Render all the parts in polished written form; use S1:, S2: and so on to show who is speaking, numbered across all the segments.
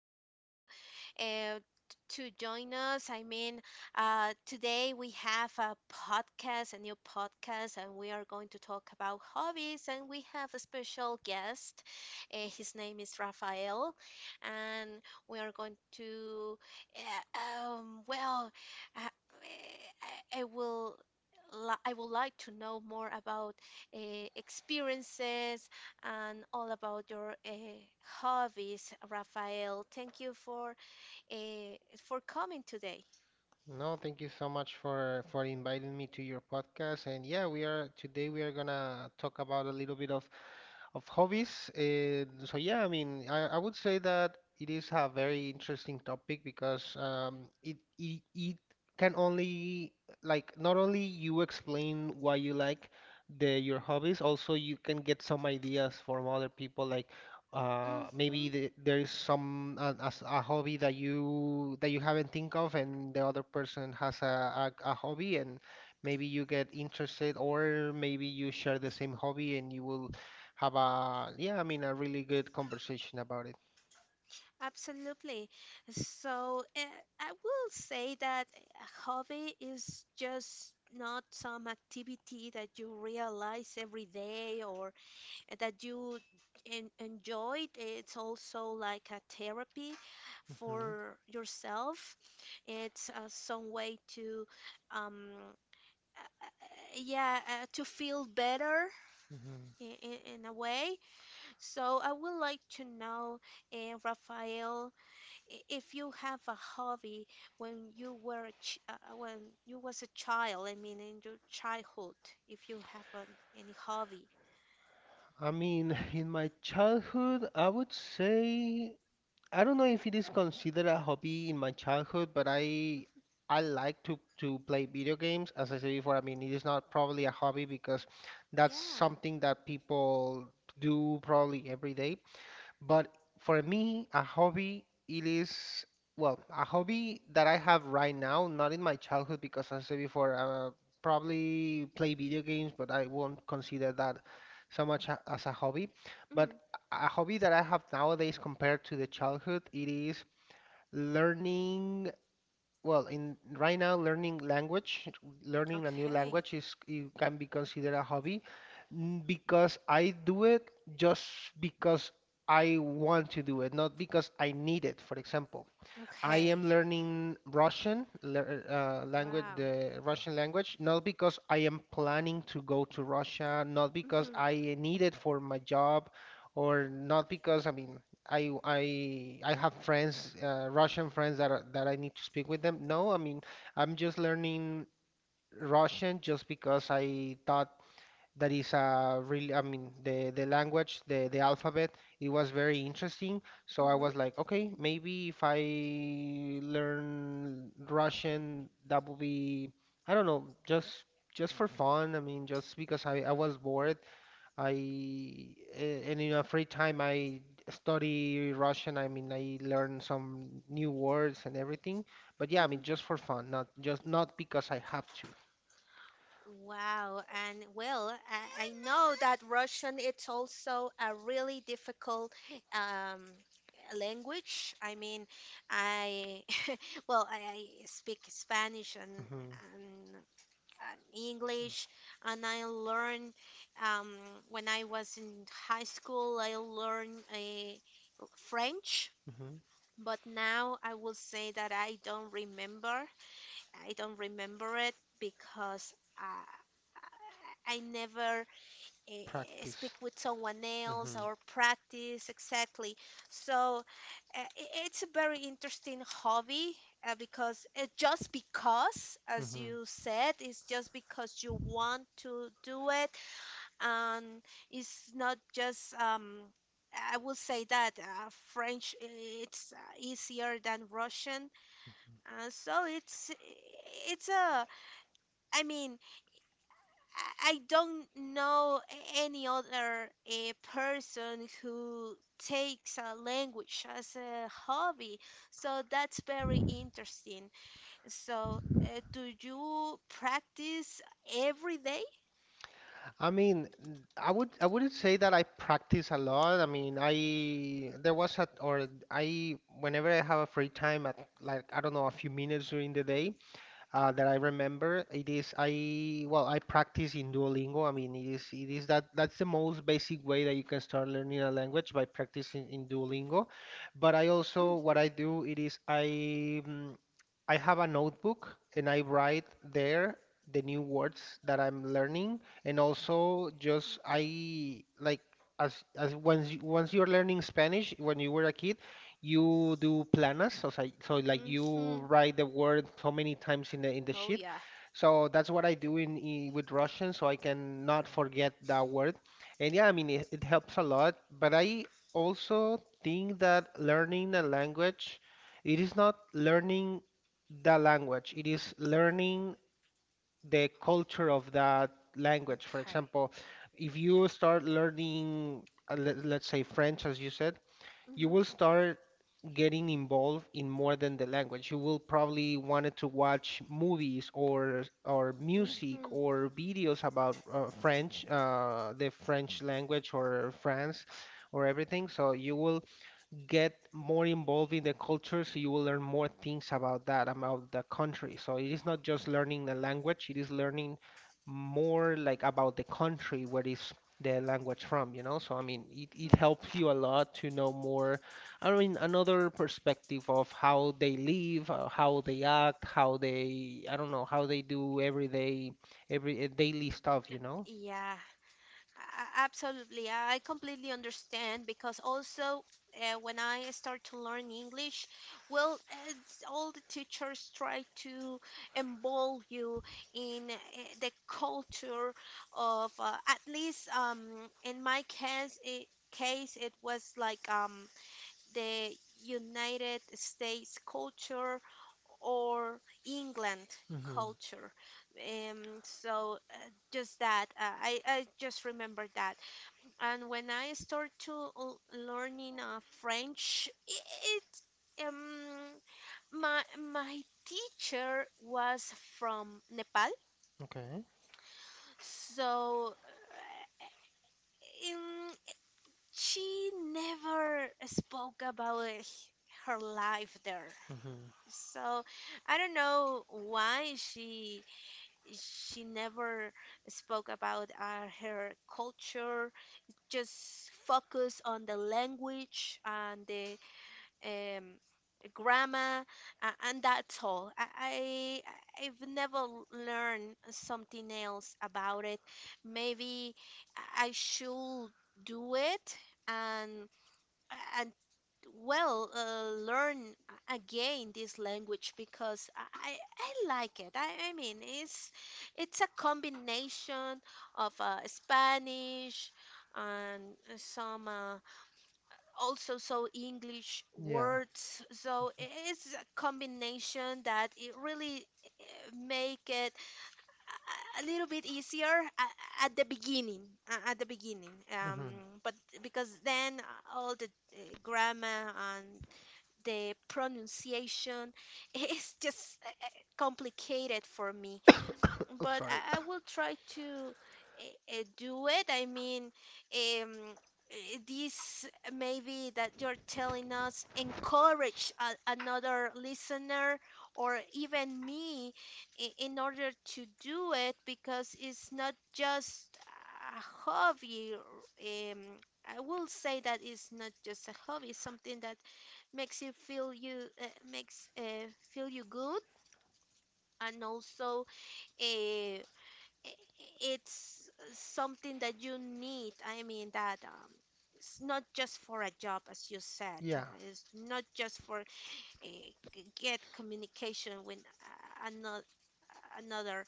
S1: and thank you uh, to join us. Today we have a podcast, a new podcast, and we are going to talk about hobbies. And we have a special guest. His name is Rafael, and we are going to, uh, um, well, uh, I, I will. I would like to know more about experiences and all about your hobbies, Rafael. Thank you uh, for coming today.
S2: No, thank you so much for inviting me to your podcast. And yeah, we are gonna talk about a little bit of hobbies. So yeah, I mean, I would say that it is a very interesting topic because it can only, like, not only you explain why you like the your hobbies, also you can get some ideas from other people. Like maybe there
S1: Mm-hmm,
S2: is some as a hobby that you haven't think of, and the other person has a hobby, and maybe you get interested, or maybe you share the same hobby, and you will have a yeah, I mean, a really good conversation about it.
S1: absolutely. So I will say that a hobby is just not some activity that you realize every day or that you en enjoyed. It's also like a therapy
S2: Hmm.
S1: for yourself. It's some way to um, yeah, to feel better
S2: Hmm.
S1: in, in a way. So I would like to know, Rafael, if you have a hobby when you were a ch when you was a child, I mean in your childhood, if you have an, any hobby.
S2: I mean, in my childhood, I would say. I don't know if it is considered a hobby in my childhood, but I
S1: Mhm.
S2: I like to play video games. As I said before, I mean it is not probably a hobby because that's something
S1: Yeah.
S2: that people do probably every day. But for me, a hobby, it is, well, a hobby that I have right now, not in my childhood, because as I said before, probably play video games, but I won't consider that so much as a hobby. But
S1: Hmm.
S2: a hobby that I have nowadays compared to the childhood, it is learning, well, in right now, learning language, learning a new language is,
S1: Okay.
S2: it can be considered a hobby because I do it just because I want to do it, not because I need it, for example. I am
S1: Okay.
S2: learning Russian language, the
S1: Wow.
S2: Russian language, not because I am planning to go to Russia, not because I
S1: Mm-hmm.
S2: need it for my job, or not because I mean I have friends, Russian friends that are, that I need to speak with them. No, I mean I'm just learning Russian just because I thought that is a really, I mean, the language, the alphabet, it was very interesting, so I was like,
S1: Mm-hmm.
S2: okay, maybe if I learn Russian that would be, I don't know, just for fun, I mean just because I was bored. I and in a free time I study Russian, I mean I learn some new words and everything, but yeah, I mean just for fun, not just, not because I have to.
S1: Wow, and well, I know that Russian it's also a really difficult um, language. I mean, I well, I speak
S2: Hmm.
S1: Spanish and English, and I learned um, when I was in high school. I learned a
S2: Hmm.
S1: French, but now I will say that I don't remember. I don't remember it because I never
S2: Practice.
S1: speak with someone
S2: Mhm.
S1: else or practice exactly. So it's a very interesting hobby because it just because,
S2: Mhm.
S1: as you said, it's just because you want to do it, and it's not just I will say that French it's easier than Russian, and so it's a I mean I don't know any other person who takes a language as a hobby, so that's very interesting. So, do you practice every day?
S2: I mean, I wouldn't say that I practice a lot. I mean, I there was a or I, whenever I have a free time, at, like, I don't know, a few minutes during the day, that I remember. It is, I well, I practice in Duolingo. I mean it is that's the most basic way that you can start learning a language by practicing in Duolingo. But I also, what I do
S1: Mm-hmm.
S2: it is, I, I have a notebook and I write there the new words that I'm learning, and also just I like, as once once you're learning Spanish when you were a kid, you do planas, so, so, like, you write the
S1: Mm-hmm.
S2: word so many times in the sheet.
S1: Oh yeah.
S2: So that's what I do in, I with Russian, so I can not forget that word. And yeah, I mean it helps a lot. But I also think that learning a language, it is not learning the language, it is learning the culture of that language. For example,
S1: Okay.
S2: if you start learning, let's say French, as you said, you will
S1: Mm-hmm.
S2: start getting involved in more than the language. You will probably wanted to watch movies, or music, or
S1: Mm-hmm.
S2: videos about French, the French language, or France, or everything. So you will get more involved in the culture, so you will learn more things about that, about the country, so it is not just learning the language, it is learning more like about the country where is the language from, you know so I mean it helps you a lot to know more. I mean, another perspective of how they live, how they act, how they, I don't know, how they do everyday, every daily stuff.
S1: Yeah. Absolutely, I completely understand because also when I start to learn English, well, it's all the teachers try to involve you in the culture of at least in my case, case it was like the United States culture or England
S2: Mm-hmm.
S1: culture. Just that, I just remember that. And when I start to learning French, it my my teacher was from Nepal,
S2: Okay.
S1: so um, she never spoke about her life there.
S2: Mm-hmm.
S1: So I don't know why she never spoke about her culture. Just focus on the language and the um, grammar, and that's all. I've never learned something else about it. Maybe I should do it. And I, well, learn again this language because I like it. I mean it's a combination of Spanish and some also so English
S2: Yeah.
S1: words. So it's a combination that it really make it a little bit easier at the beginning at the beginning,
S2: Mm-hmm.
S1: but because then all the grammar and the pronunciation is just complicated for me.
S2: I'm sorry.
S1: But I will try to do it. This maybe that you're telling us encourage a, another listener or even me in order to do it because it's not just a hobby. I will say that it's not just a hobby, it's something that makes you feel you makes feel you good, and also uh, it's something that you need, I mean that it's not just for a job, as you
S2: Yeah.
S1: said, it's not just for get communication with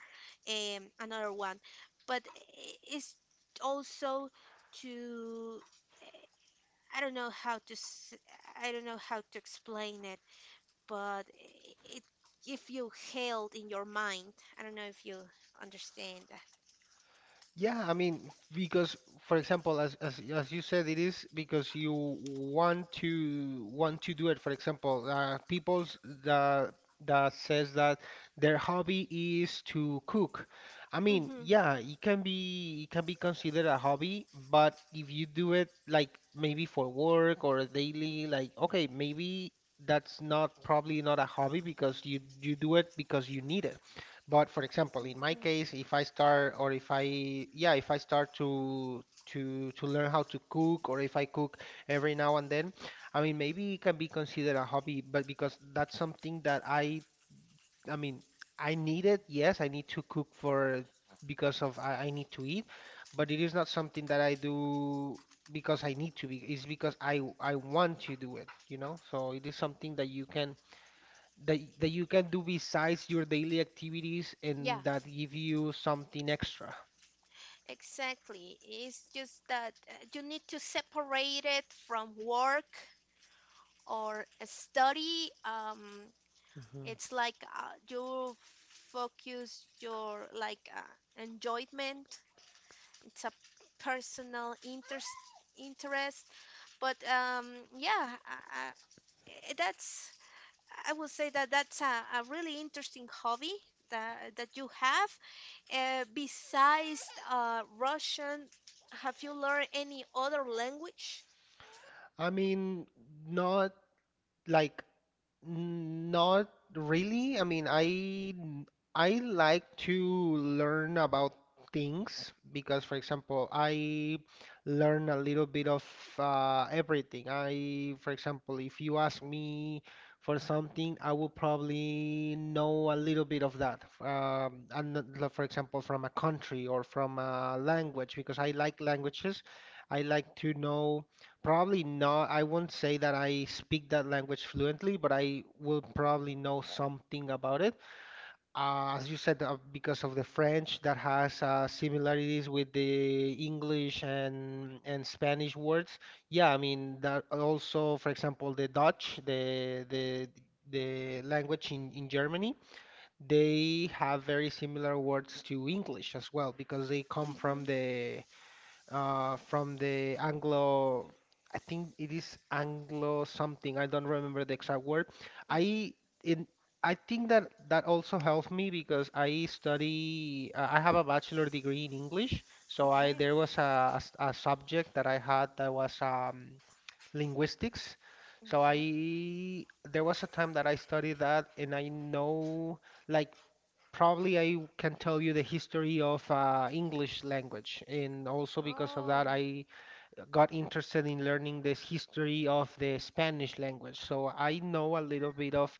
S1: another another one, but it's also to i don't know how to s- I don't know how to explain, but it, if you held in your mind, I don't know if you understand that.
S2: Yeah, I mean, because for example, as you said, it is because you want to do it. For example, people's that says that their hobby is to cook. I mean, yeah,
S1: Mm-hmm.
S2: it can be considered a hobby, but if you do it, like, maybe for work or daily, like, okay, maybe that's not probably not a hobby because you do it because you need it. But for example, in my case, if I
S1: Mm-hmm.
S2: start, or if I, yeah, if I start to learn how to cook, or if I cook every now and then, I mean, maybe it can be considered a hobby, but because that's something that I mean, I need it. Yes, I need to cook for, because of, I need to eat, but it is not something that I do because I need to be. It's because I want to do it, you know? So it is something that you can, that you can do besides your daily activities and that
S1: Yeah,
S2: give you something extra.
S1: exactly. It's just that you need to separate it from work or a study.
S2: Mhm.
S1: It's like you focus your like enjoyment. It's a personal interest. But yeah, uh, that's, I would say that that's a really interesting hobby that, that you have. Besides Russian, have you learned any other language?
S2: I mean, not like. Not really. I mean, I like to learn about things because, for example, I learn a little bit of everything. I, for example, if you ask me for something, I will probably know a little bit of that. And like, for example, from a country or from a language because I like languages. I like to know. Probably not. I won't say that I speak that language fluently, but I will probably know something about it. As you said, because of the French, that has similarities with the English and Spanish words. Yeah, I mean that also, for example, the Dutch, the the language in Germany, they have very similar words to English as well because they come
S1: Hmm.
S2: from the Anglo, I think it is Anglo something. I don't remember the exact word. I
S1: Okay.
S2: in I think that that also helped me because I study. I have a bachelor degree in English, so I there was
S1: Okay.
S2: a, a subject that I had that was linguistics. So I
S1: Okay.
S2: there was a time that I studied that, and I know, like, probably I can tell you the history of English language, and also because of that, I
S1: Oh.
S2: got interested in learning this history of the Spanish language. So I know a little bit of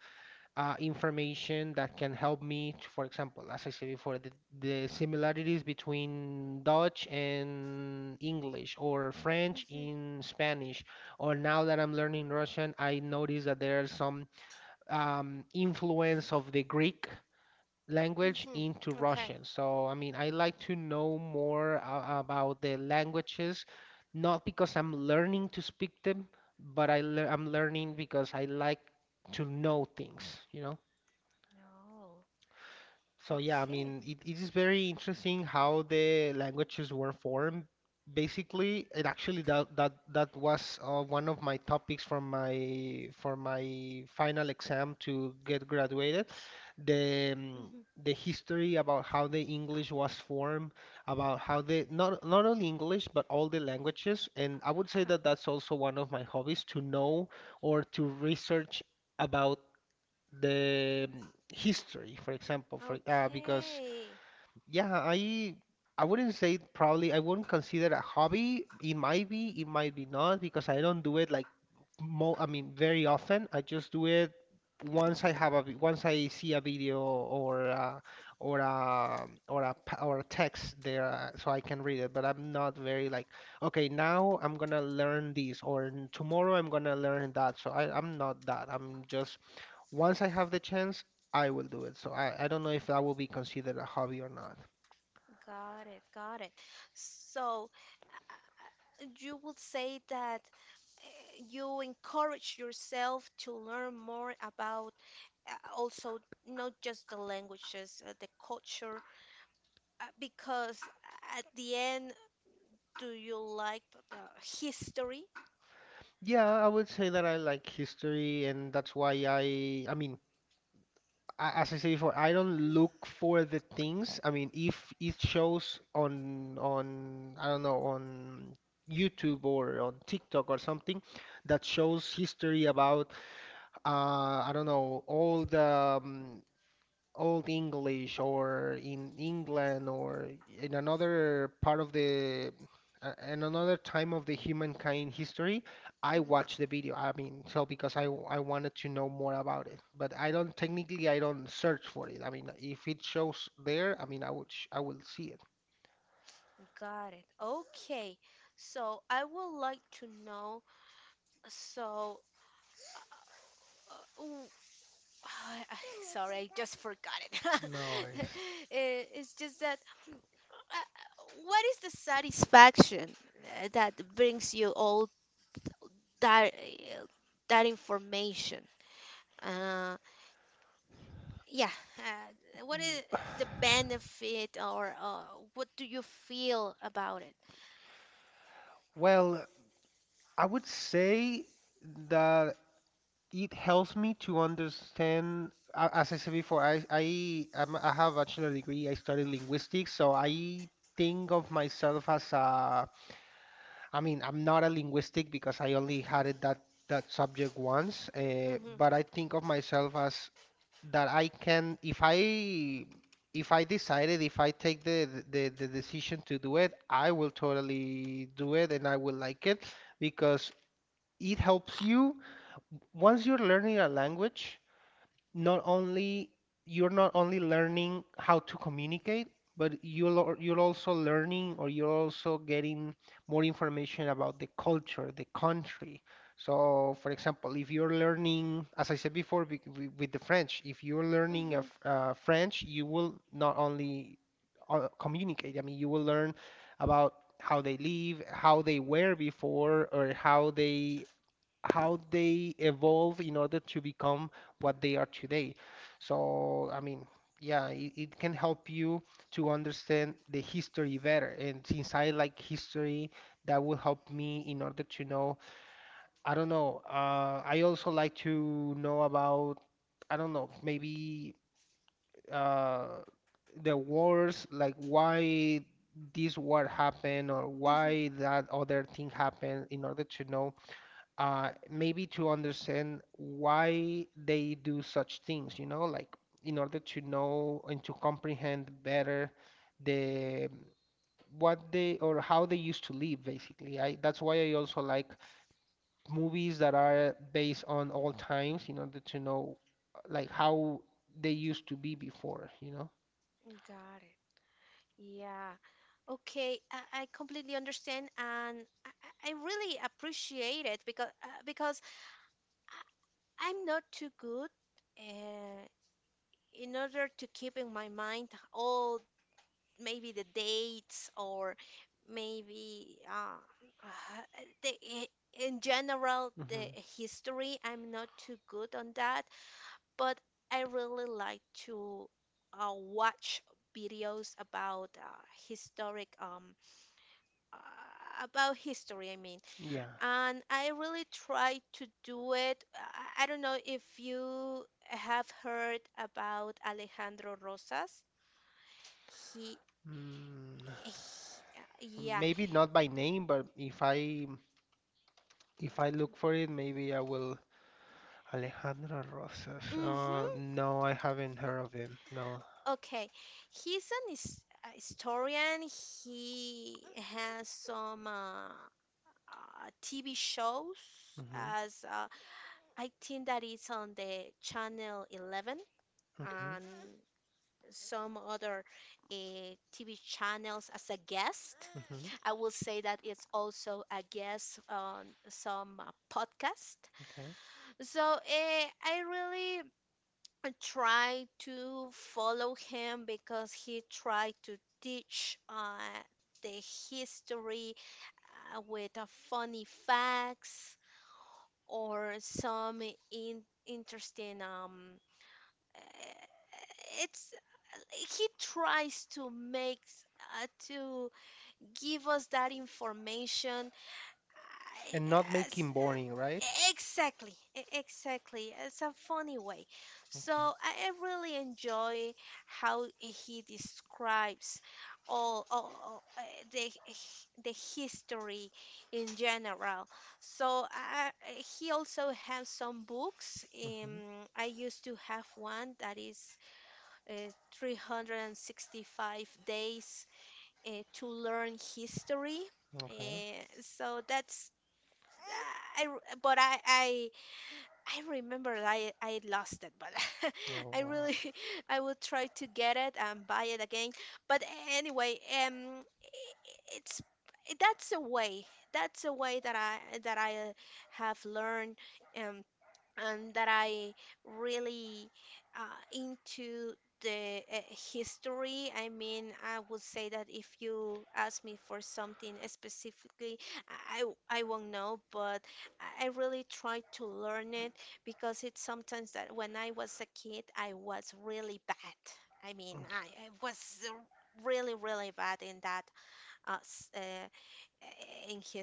S2: information that can help me, to, for example, as I said before, the similarities between Dutch and English, or French in
S1: Mm-hmm.
S2: Spanish, or now that I'm learning Russian, I notice that there are some influence of the Greek language into
S1: Mm-hmm.
S2: Russian.
S1: Okay.
S2: So, I mean, I like to know more about the languages, not because I'm learning to speak them, but I'm learning because I like to know things, you know?
S1: No.
S2: So yeah, I mean, it,
S1: Okay.
S2: it is very interesting how the languages were formed. Basically, it actually that was one of my topics, from my for my final exam to get graduated. The um, the
S1: Mm-hmm.
S2: history about how the English was formed, about how the not only English but all the languages, and I would say that that's
S1: Uh-huh.
S2: also one of my hobbies, to know or to research about the, history, for example, for, because
S1: Okay.
S2: yeah, I wouldn't say it, probably. I wouldn't consider it a hobby. It might be not because I don't do it like, mo I mean, very often. I just do it once I have once I see a video, or or a text there, so I can read it. But I'm not very like, okay, now I'm gonna learn this, or tomorrow I'm gonna learn that. So I'm not that. I'm just, once I have the chance, I will do it. So I don't know if that will be considered a hobby or not.
S1: Got it. Got it. So, you would say that you encourage yourself to learn more about also not just the languages, the culture, because at the end, do you like the history?
S2: Yeah, I would say that I like history, and that's why I mean, as I said before, I don't look for the things. I mean, if it shows on I don't know, on YouTube or on TikTok or something that shows history about, I don't know, all the Old English, or in England, or in another part of the in another time of the humankind history, I watched the
S1: Mhm.
S2: video. I mean, so because I wanted to know more about it, but I don't, technically I don't search for it. I mean, if it shows there, I mean, I will see it.
S1: Got it. Okay. So I would like to know. So, uh, ooh, sorry, I just forgot it.
S2: No worries.
S1: Eh, it's just that what is the satisfaction that brings you all that that information. Uh, yeah, what is the benefit or what do you feel about it?
S2: Well, I would say that it helps me to understand, as I said before, I have a bachelor degree, I studied linguistics, so I think of myself as a, I mean, I'm not a linguistic because I only had it that subject once, but I
S1: Mhm,
S2: think of myself as that I can, if I decided, if I take the decision to do it, I will totally do it and I will like it, because it helps you. Once you're learning a language, not only learning how to communicate, but, you're also learning, or you're also getting more information about the culture, the country. So, for example, if you're learning, as I said before, with the French, if you're learning
S1: mhm,
S2: French, you will not only, communicate. I mean, you will learn about how they live, how they were before, or how they, evolve in order to become what they are today. So, I mean, yeah, it can help you to understand the history better. And since I like history, that will help me in order to know, I don't know, I also like to know about, I don't know, maybe, uh, the wars. Like, why this war happened, or why
S1: mhm.
S2: that other thing happened, in order to know, maybe to understand why they do such things, like, in order to know and to comprehend better the, what they, or how they used to live, basically. I that's why I also like movies that are based on old times, in order to know like how they used to be before, you know?
S1: Got it. Yeah. Okay, I completely understand, and I really appreciate it because I, I'm not too good uh, in order to keep in my mind all maybe the dates or maybe uh, the, in general
S2: Hmm.
S1: the history. I'm not too good on that, but I really like to watch videos about historic about history. I mean,
S2: Yeah.
S1: and I really try to do it. I don't know if you have heard about Alejandro Rosas. He,
S2: Mm,
S1: he-
S2: maybe
S1: yeah.
S2: not by name, but if I, look for it, maybe I will. Alejandro Rosas.
S1: Mm-hmm.
S2: No, I haven't heard of him. No.
S1: Okay. He's an a historian. He has some TV shows
S2: Mm-hmm.
S1: as I think that is on the channel 11
S2: Okay.
S1: and some other uh, TV channels as a guest.
S2: Mm-hmm.
S1: I will say that it's also a guest on some podcast.
S2: Okay.
S1: So I really, I try to follow him because he tried to teach the history with funny facts or some in interesting uh, it's he tries to make to give us that information.
S2: And not making boring, right?
S1: I- Exactly, exactly. It's a funny way.
S2: Okay.
S1: So I really enjoy how he describes all, the the history in general. So, he also has some books.
S2: Mm-hmm.
S1: I used to have one that is uh, 365 days to learn history.
S2: Okay.
S1: So that's I- but I remember I lost it, but
S2: Oh, wow.
S1: I really I will try to get it and buy it again. But anyway, I- it's that's a way. That's a way that I have learned um and that I really into the history. I mean, I would say that if you ask me for something specifically, I won't know, but I really try to learn it because it's sometimes that when I was a kid, I was really bad. I
S2: Okay.
S1: mean, I was uh, really, really bad in that uh, s- uh,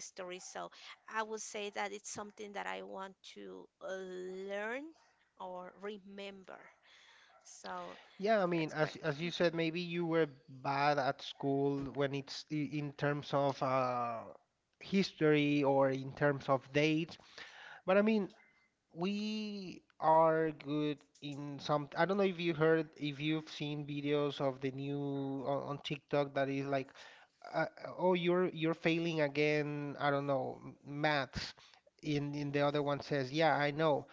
S1: in history. So I would say that it's something that I want to learn or remember. So
S2: Yeah, I mean, as
S1: that's
S2: as you
S1: great.
S2: said, maybe
S1: Hmm.
S2: you were bad at school when, in terms of history, or in terms of dates. But I mean, we are good in some. I don't know if you've seen videos of the new on, TikTok, that is like, uh, oh, you're failing again. I don't know, maths. In the other one says, yeah, I know,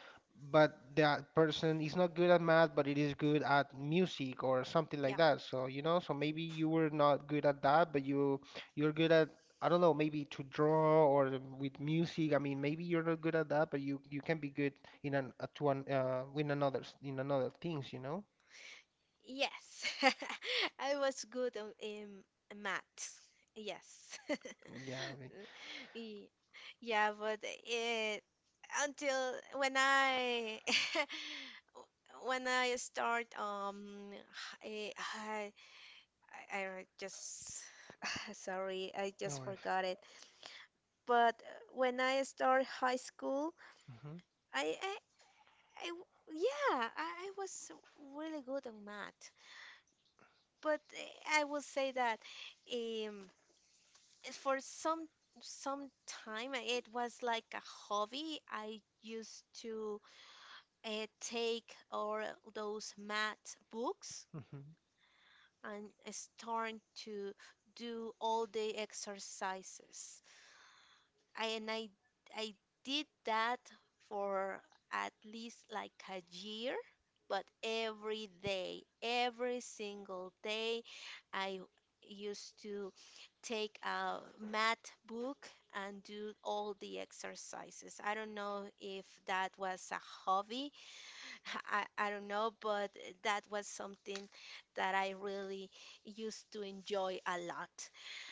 S2: but that person is not good at math, but it is good at music or something like that.
S1: Yeah.
S2: So, maybe you were not good at that, but you're good at, I don't know, maybe to draw or with music. I mean, maybe you're not good at that, but you can be good in an to an in another, in another things, you know?
S1: Yes. I was good in maths. Yes.
S2: Yeah, I mean,
S1: Ye- Yeah, but it, until when I when I start h- eh, high, I don't just sorry,
S2: no
S1: I
S2: worries.
S1: just forgot it. But when I started high school,
S2: Hmm.
S1: I, I, I w- yeah, I was really good on math. But I will say that um, for some some time, it was like a hobby. I used to take all those math
S2: Hmm.
S1: books and start to do all the exercises. I and I I did that for at least like a year, but every day, every single day, I used to take a math book and do all the exercises. I don't know if that was a hobby. I don't know, but that was something that I really used to enjoy a lot.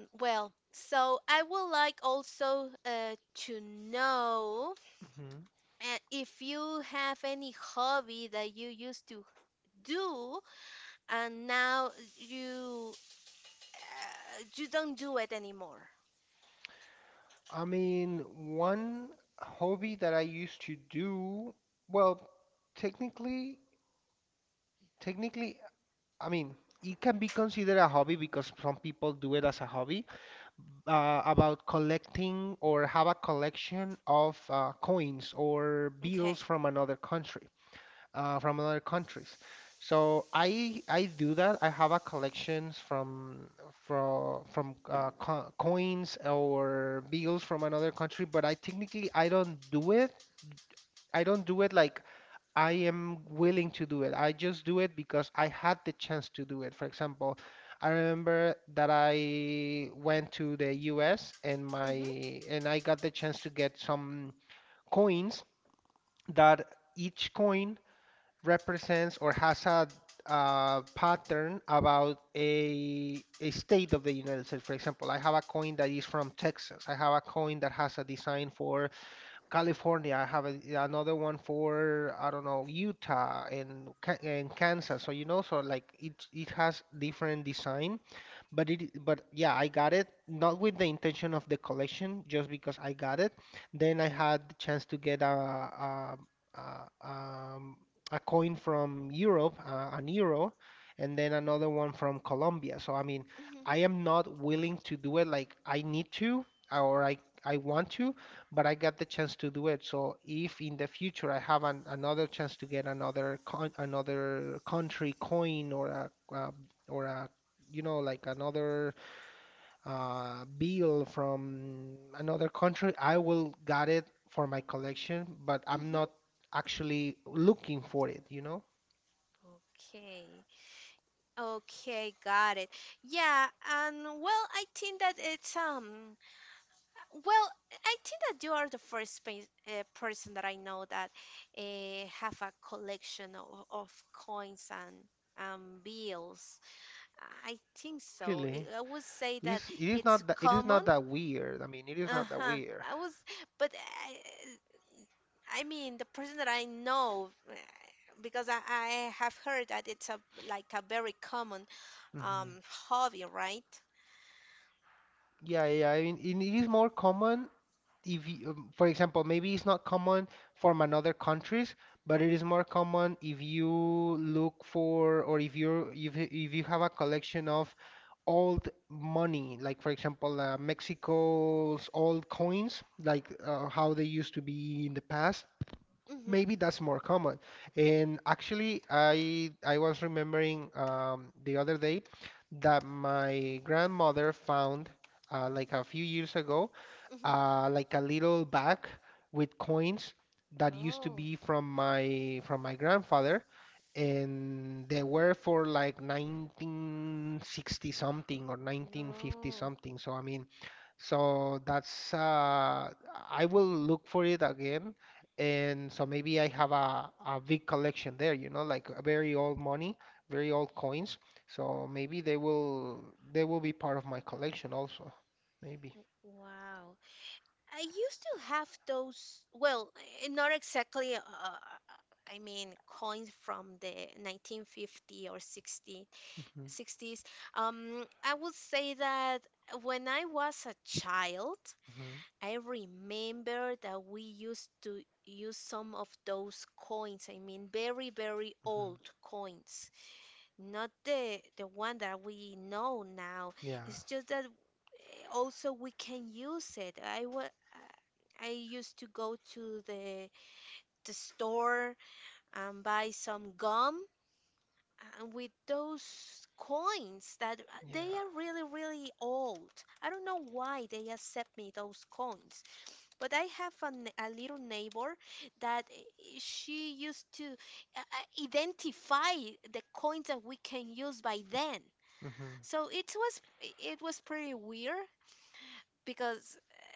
S1: Mm, well, so I would like also to know
S2: Hmm.
S1: if you have any hobby that you used to do and now you you don't do it anymore.
S2: I mean, one hobby that I used to do, well, technically, technically, I mean, it can be considered a hobby, because some people do it as a hobby, about collecting or have a collection of coins or bills from
S1: Okay.
S2: another country, from other countries. So I do that. I have a collections from, from co coins or bills from another country, but I technically I don't do it. I don't do it like I am willing to do it. I just do it because I had the chance to do it. For example, I remember that I went to the US and my
S1: Mhm.
S2: and I got the chance to get some coins that each coin represents or has a, pattern about a state of the United States. For example, I have a coin that is from Texas. I have a coin that has a design for California. I have another one for, I don't know, Utah and, and Kansas. So, you know, so like it has different design, but, it, but yeah, I got it not with the intention of the collection, just because I got it. Then I had the chance to get a, um, a coin from Europe, an euro, and then another one from Colombia. So I mean, I
S1: Mhm.
S2: am not willing to do it, like I need to or I want to, but I got the chance to do it. So if in the future I have another chance to get another, con another country coin, or a like another, bill from another country, I will got it for my collection, but I'm not
S1: Mhm.
S2: actually looking for it, you know?
S1: Okay. Okay, got it. Yeah, and well, I think that it's Well, I think that you are the first person that I know that have a collection of coins and bills. I think
S2: Really.
S1: so. I would say
S2: It
S1: that
S2: is not that, it
S1: it's
S2: is not that
S1: common.
S2: weird. I mean, it is not that weird.
S1: Uh-huh. I was, but I, I mean, the person that I know, I have heard that it's a like a very common
S2: Hmm.
S1: hobby, right?
S2: Yeah, yeah. I mean, it is more common if you, for example, maybe it's not common from another countries, but it is more common if you look for, or if you have a collection of old money, like, for example, Mexico's old coins, like, how they used to be in the past. Maybe
S1: Mm-hmm,
S2: that's more common. And actually, I was remembering, the other day, that my grandmother found, like a few years ago,
S1: mm-hmm.
S2: like a little bag with coins that used to be
S1: Oh,
S2: from my, grandfather, and they were for like 1960 something or 1950 something.
S1: no.
S2: So I mean, so that's, I will look for it again. And so maybe I have a big collection there, you know, like a very old money, very old coins. So maybe they will, be part of my collection also. Maybe.
S1: Wow. I used to have those, well, not exactly, I mean, coins from the 1950 or 60 sixties. I would say that when I was a child,
S2: Hmm.
S1: I remember that we used to use some of those coins. I mean, very, very
S2: Hmm.
S1: old coins, not the the one that we know now.
S2: Yeah.
S1: It's just that also we can use it. I used to go to the store and buy some gum and with those coins that
S2: Yeah.
S1: they are really, really old. I don't know why they accept me those coins, but I have a little neighbor that she used to identify the coins that we can use by then.
S2: Hmm.
S1: So it was pretty weird because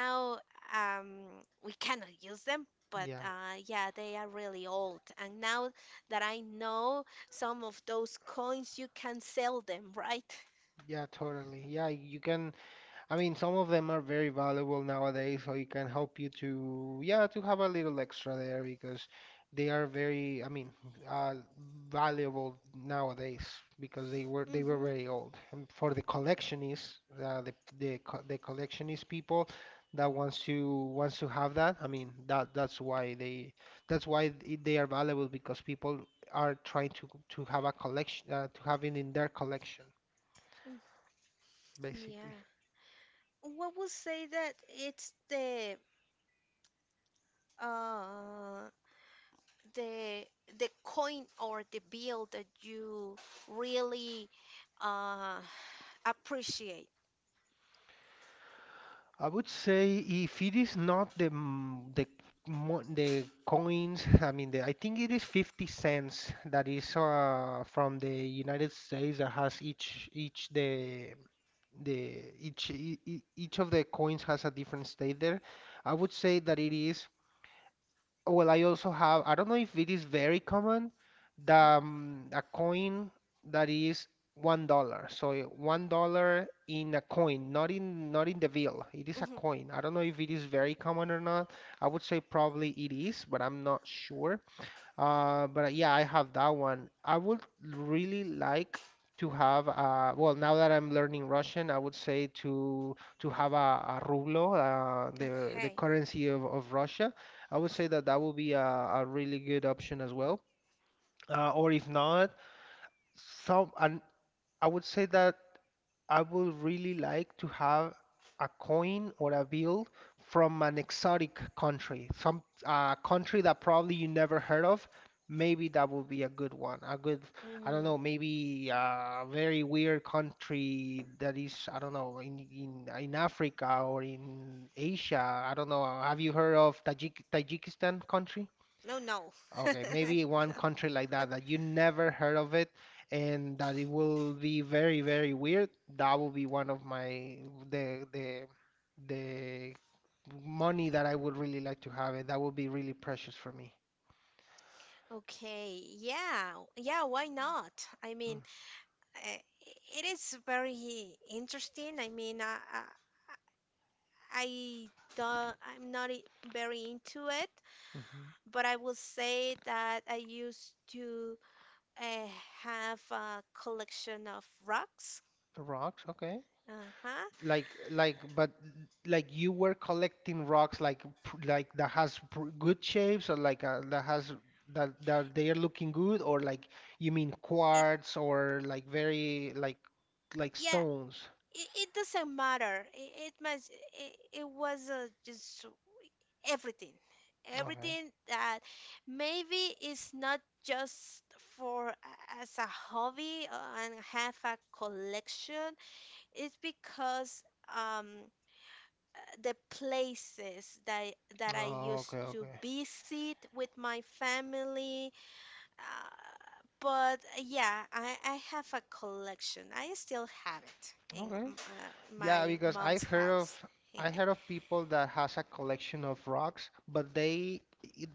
S1: now um, we cannot use them.
S2: Yeah.
S1: But yeah, they are really old. And now that I know some of those coins, you can sell them, right?
S2: Yeah, totally. Yeah, you can. I mean, some of them are very valuable nowadays, so it can help you to, yeah, to have a little extra there, because they are very, I mean, uh, valuable nowadays, because they were very
S1: Mm-hmm.
S2: old. And for the collectionists, the co the collectionist people that wants to have that, I mean, that's why they are valuable, because people are trying to, have a collection, to have it in their collection, basically.
S1: Yeah. What would say that it's uh the the coin or the bill that you really uh appreciate?
S2: I would say if it is not the, coins, I mean, the I think it is 50 cents that is, from the United States, that has each the each e- e- each of the coins has a different state there. I would say that it is, well, I also have, I don't know if it is very common, the,
S1: Mm-hmm.
S2: a coin that is $1. So, $1 in a coin, not in, not in the bill. It is a
S1: Mm-hmm.
S2: coin. I don't know if it is very common or not. I would say probably it is, but I'm not sure. But yeah, I have that one. I would really like to have, well, now that I'm learning Russian, I would say to, have a rublo, the,
S1: Okay.
S2: currency of, Russia. I would say that that would be a really good option as well. Or if not, some and I would say that. I would really like to have a coin or a bill from an exotic country, some a country that probably you never heard of. Maybe that would be a good one. A good, I don't know,
S1: Mm.
S2: maybe a very weird country that is, I don't know, in, in Africa or in Asia. I don't know. Have you heard of Tajikistan country?
S1: No, no.
S2: Okay, maybe one country like that, that you never heard of it, and that it will be very, very weird. That will be one of my, the the the money that I would really like to have it. That would be really precious for me.
S1: Okay, yeah, yeah, why not?
S2: Mm-hmm.
S1: I mean, uh, it is very interesting. I mean, I don't, I'm not very into it, but I will say that I used to uh, have a collection of rocks.
S2: Rocks, okay.
S1: Uh-huh.
S2: Like, but like you were collecting rocks, like, like that has, good shapes, or like, that has, that they are looking good, or like you mean
S1: It,
S2: quartz, or like very, like
S1: yeah,
S2: stones.
S1: it, it doesn't matter. It was just everything
S2: Okay.
S1: everything that maybe is not just for a- as a hobby, and have a collection. It's because um the places that that I
S2: Oh, okay,
S1: used
S2: okay.
S1: to visit with my family. uh, but yeah, I have a collection. I still have it
S2: Okay.
S1: in
S2: Yeah, because
S1: my
S2: I've
S1: mom's
S2: heard of,
S1: house.
S2: I heard of people that has a collection of rocks, but, they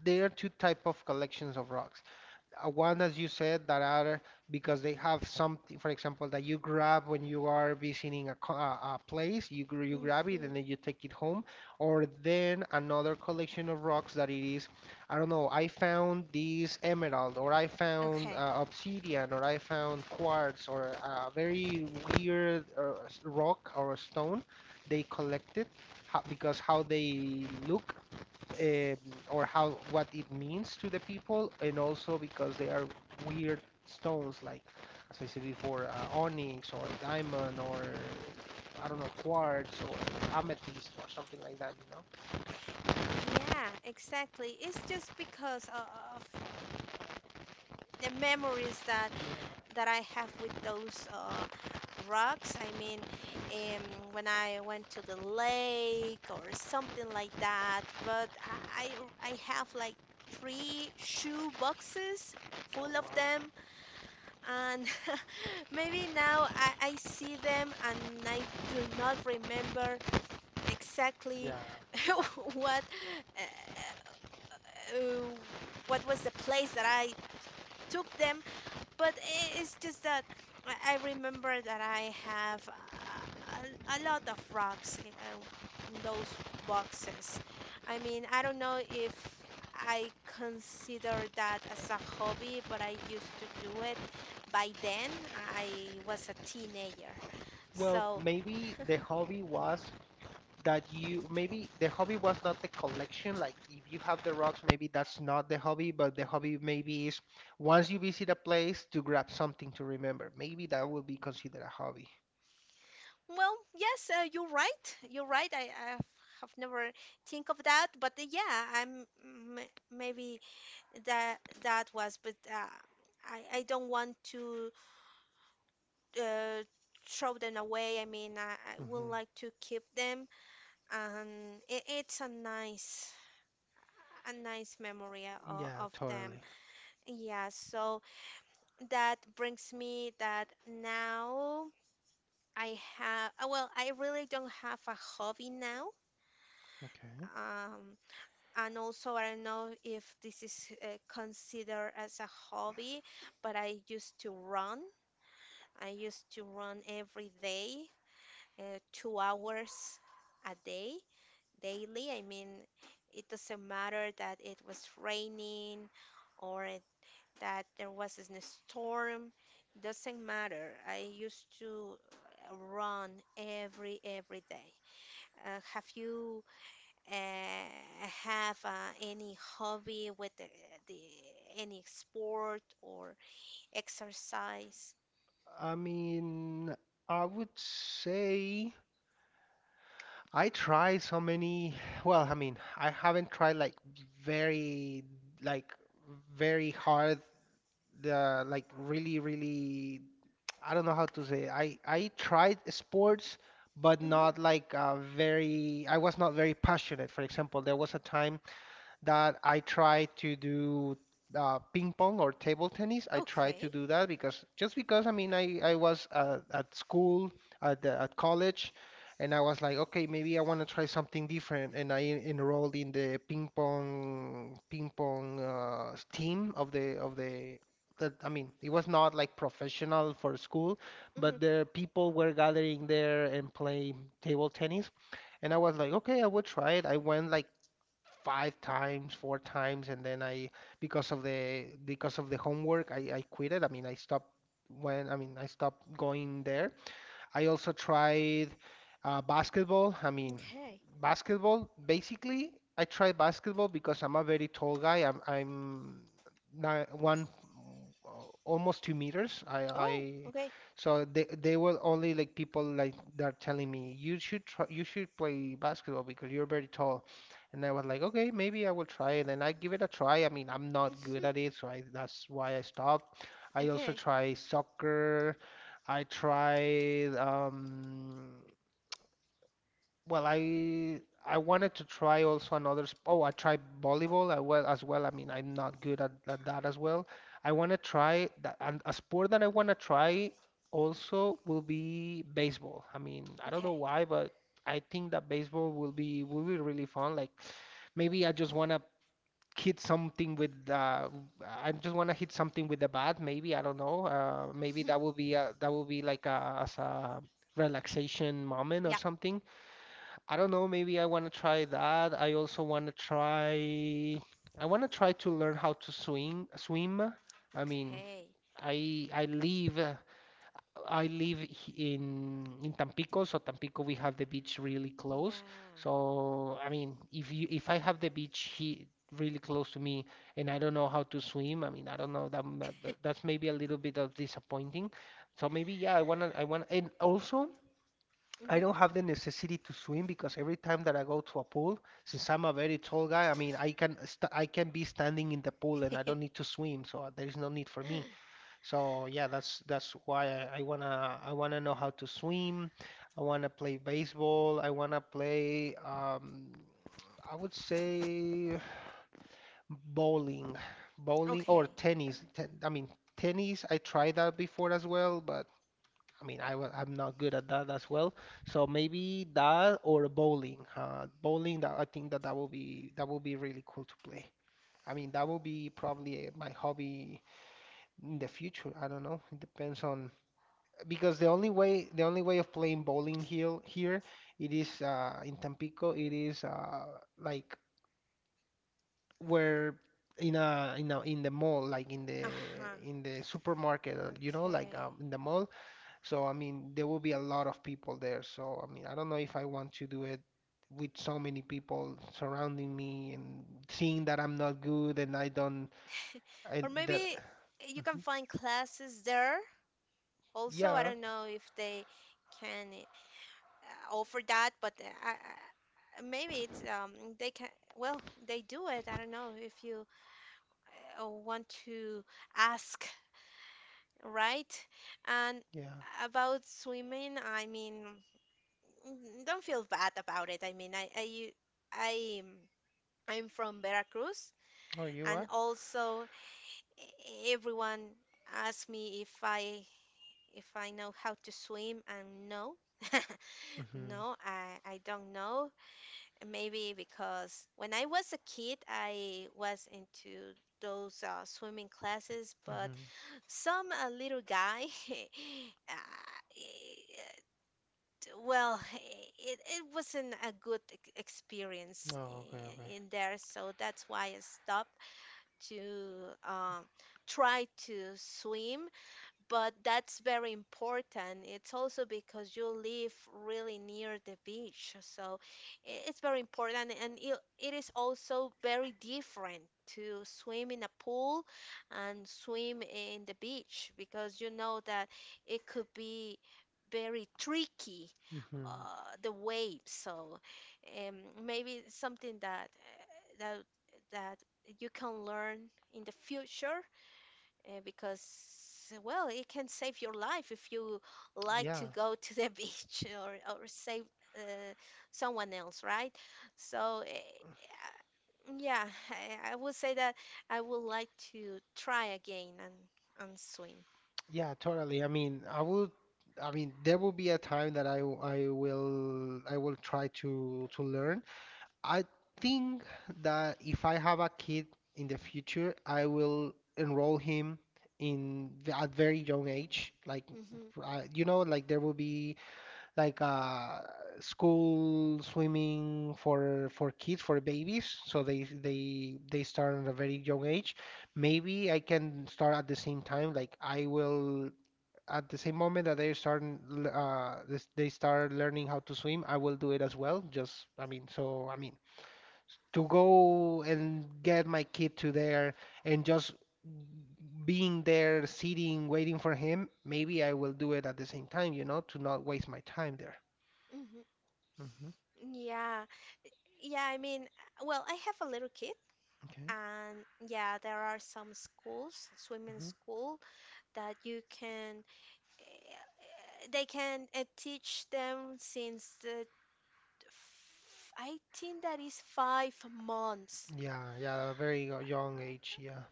S2: there are two type of collections of rocks. Uh, one, as you said, that are, because they have something, for example, that you grab when you are visiting a, co- a place, you, you grab it and then
S1: hmm
S2: you take it home. Or then another collection of rocks that it is, I don't know, I found this emerald, or I found
S1: Okay.
S2: obsidian, or I found quartz, or a very weird rock or a stone they collected because how they look, um, or how what it means to the people, and also because they are weird stones like, as I said before, onyx or diamond or I don't know quartz or amethyst or something like that. You know?
S1: Yeah, exactly. It's just because of the memories that
S2: Yeah.
S1: I have with those rocks. I mean, when I went to the lake or something like that. But I I have like three shoe boxes
S2: Oh
S1: full of
S2: wow.
S1: them, and maybe now I see them and I do not remember
S2: Yeah.
S1: exactly what. Uh, uh, what was the place that I took them. But it's just that I remember that I have a lot of rocks in those boxes. I mean, I don't know if I consider that as a hobby, but I used to do it. By then, I was a teenager.
S2: Well,
S1: So,
S2: maybe the hobby was that you maybe the hobby was not the collection. Like if you have the rocks, maybe that's not the hobby, but the hobby maybe is once you visit a place to grab something to remember. Maybe that would be considered a hobby.
S1: well, yes, you're right. You're right. I have never think of that, but yeah, maybe that was, but I don't want to uh, throw them away. I mean, I
S2: Hmm
S1: would like to keep them, and it's a nice memory
S2: Yeah,
S1: of
S2: totally.
S1: them. Yeah, so that brings me that now I have, well, I really don't have a hobby now.
S2: Okay.
S1: Um, And also, I don't know if this is considered as a hobby, but I used to run. I used to run every day, 2 hours a day, daily. I mean, it doesn't matter that it was raining or it- that there was a storm. Doesn't matter. I used to run every day. Have you have any hobby with the any sport or exercise?
S2: I mean, I would say I tried so many. Well, I mean, I haven't tried very, like very hard, the like really, really. I don't know how to say. I tried sports, but not
S1: Hmm.
S2: like very. I was not very passionate. For example, there was a time that I try to do ping pong or table tennis. I try to do
S1: Okay.
S2: that because just because I mean I was at school at the, at college, and I was like, okay, maybe I want to try something different, and I enrolled in the ping pong team of the. That, I mean, it was not like professional for school, but
S1: Hmm.
S2: the people were gathering there and playing table tennis. And I was like, okay, I will try it. I went like five times, four times, and then I because of the homework I quit it. I mean I stopped when I mean I stopped going there. I also tried basketball. I mean,
S1: Okay.
S2: basketball, basically, I tried basketball because I'm a very tall guy. One, uh, almost 2 meters.
S1: Oh, okay.
S2: So they were only like people like that are telling me, you should try, you should play basketball because you're very tall. And I was like, okay, maybe I will try it. And I give it a try. I mean, I'm not good at
S1: Mhm.
S2: it, so I, that's why I stopped. I also
S1: Okay.
S2: try soccer. I tried well I wanted to try also another oh I tried volleyball as well I mean I'm not good at that as well. I want to try that, and a sport that I want to try also will be baseball. I mean, I don't know
S1: Okay.
S2: why, but I think that baseball will be really fun, like maybe I just want to hit something with I just want to hit something with the bat. Maybe I don't know. Maybe that will be a, that will be like a, as a relaxation moment or
S1: Yeah.
S2: something. I don't know. Maybe I want to try that. I also want to try. I want to try to learn how to swing swim. I mean,
S1: Okay.
S2: I live I live in Tampico, so Tampico we have the beach really close.
S1: Yeah.
S2: So I mean, if you if I have the beach he really close to me and I don't know how to swim, I mean, I don't know that's maybe a little bit of disappointing. So maybe yeah, I want, and also I don't
S1: Hmm.
S2: have the necessity to swim because every time that I go to a pool, since I'm a very tall guy, I mean, I can be standing in the pool and I don't need to swim, so there is no need for me. So yeah, that's why I wanna know how to swim. I wanna play baseball. I wanna play I would say bowling, bowling or
S1: Okay.
S2: tennis. I mean tennis. I tried that before as well, but I mean I'm not good at that as well. So maybe that or bowling. Bowling. That I think that that will be really cool to play. I mean that will be probably my hobby in the future. I don't know. It depends on because the only way of playing bowling here it is in Tampico it is like where in a in the mall like in the
S1: Uh-huh.
S2: supermarket, you know, like in
S1: Okay.
S2: the mall. So I mean there will be a lot of people there, so I mean I don't know if I want to do it with so many people surrounding me and seeing that I'm not good and I don't I
S1: Or
S2: that.
S1: maybe you
S2: Mhm.
S1: can find classes there. Also,
S2: Yeah.
S1: I don't know if they can. Offer that, but maybe it's they can. Well, they do it. I don't know if you want to ask, right? And
S2: Yeah.
S1: about swimming, I mean, mm, don't feel bad about it. I mean, I you- I I'm from Veracruz,
S2: Oh, you are.
S1: and also everyone asks me if I know how to swim, and no.
S2: Mhm.
S1: No, I don't know. Maybe because when I was a kid, I was into those swimming classes, but
S2: Mhm.
S1: some little guy, uh, it- well, it wasn't a good
S2: Oh,
S1: experience
S2: okay, okay.
S1: in there, so that's why I stopped to um, try to swim. But that's very important. It's also because you live really near the beach, so it's very important, and it is also very different to swim in a pool and swim in the beach because you know that it could be very tricky,
S2: hmm
S1: the waves. So um, maybe it's something that that you can learn in the future, because well it can save your life if you like
S2: Yeah,
S1: to go to the beach or save uh, someone else, right? So yeah, I would say that I would like to try again and swim.
S2: yeah, totally. I mean, I will. I mean, there will be a time that I will try to learn. I think that if I have a kid in the future, I will enroll him in the, at very young age. Like,
S1: Hmm.
S2: I, you know, like there will be like school swimming for kids, for babies. So they they start at a very young age. Maybe I can start at the same time. Like I will at the same moment that they start they start learning how to swim. I will do it as well. Just I mean, so I mean to go and get my kid to there and just being there, sitting, waiting for him, maybe I will do it at the same time, you know, to not waste my time there.
S1: Hmm.
S2: Mm-hmm.
S1: Yeah, yeah, I mean, well, I have a little kid,
S2: Okay.
S1: and yeah, there are some schools
S2: hmm
S1: swimming school that you can eh, they can teach them since the I think that is 5 months.
S2: Yeah, yeah, a very young age, yeah.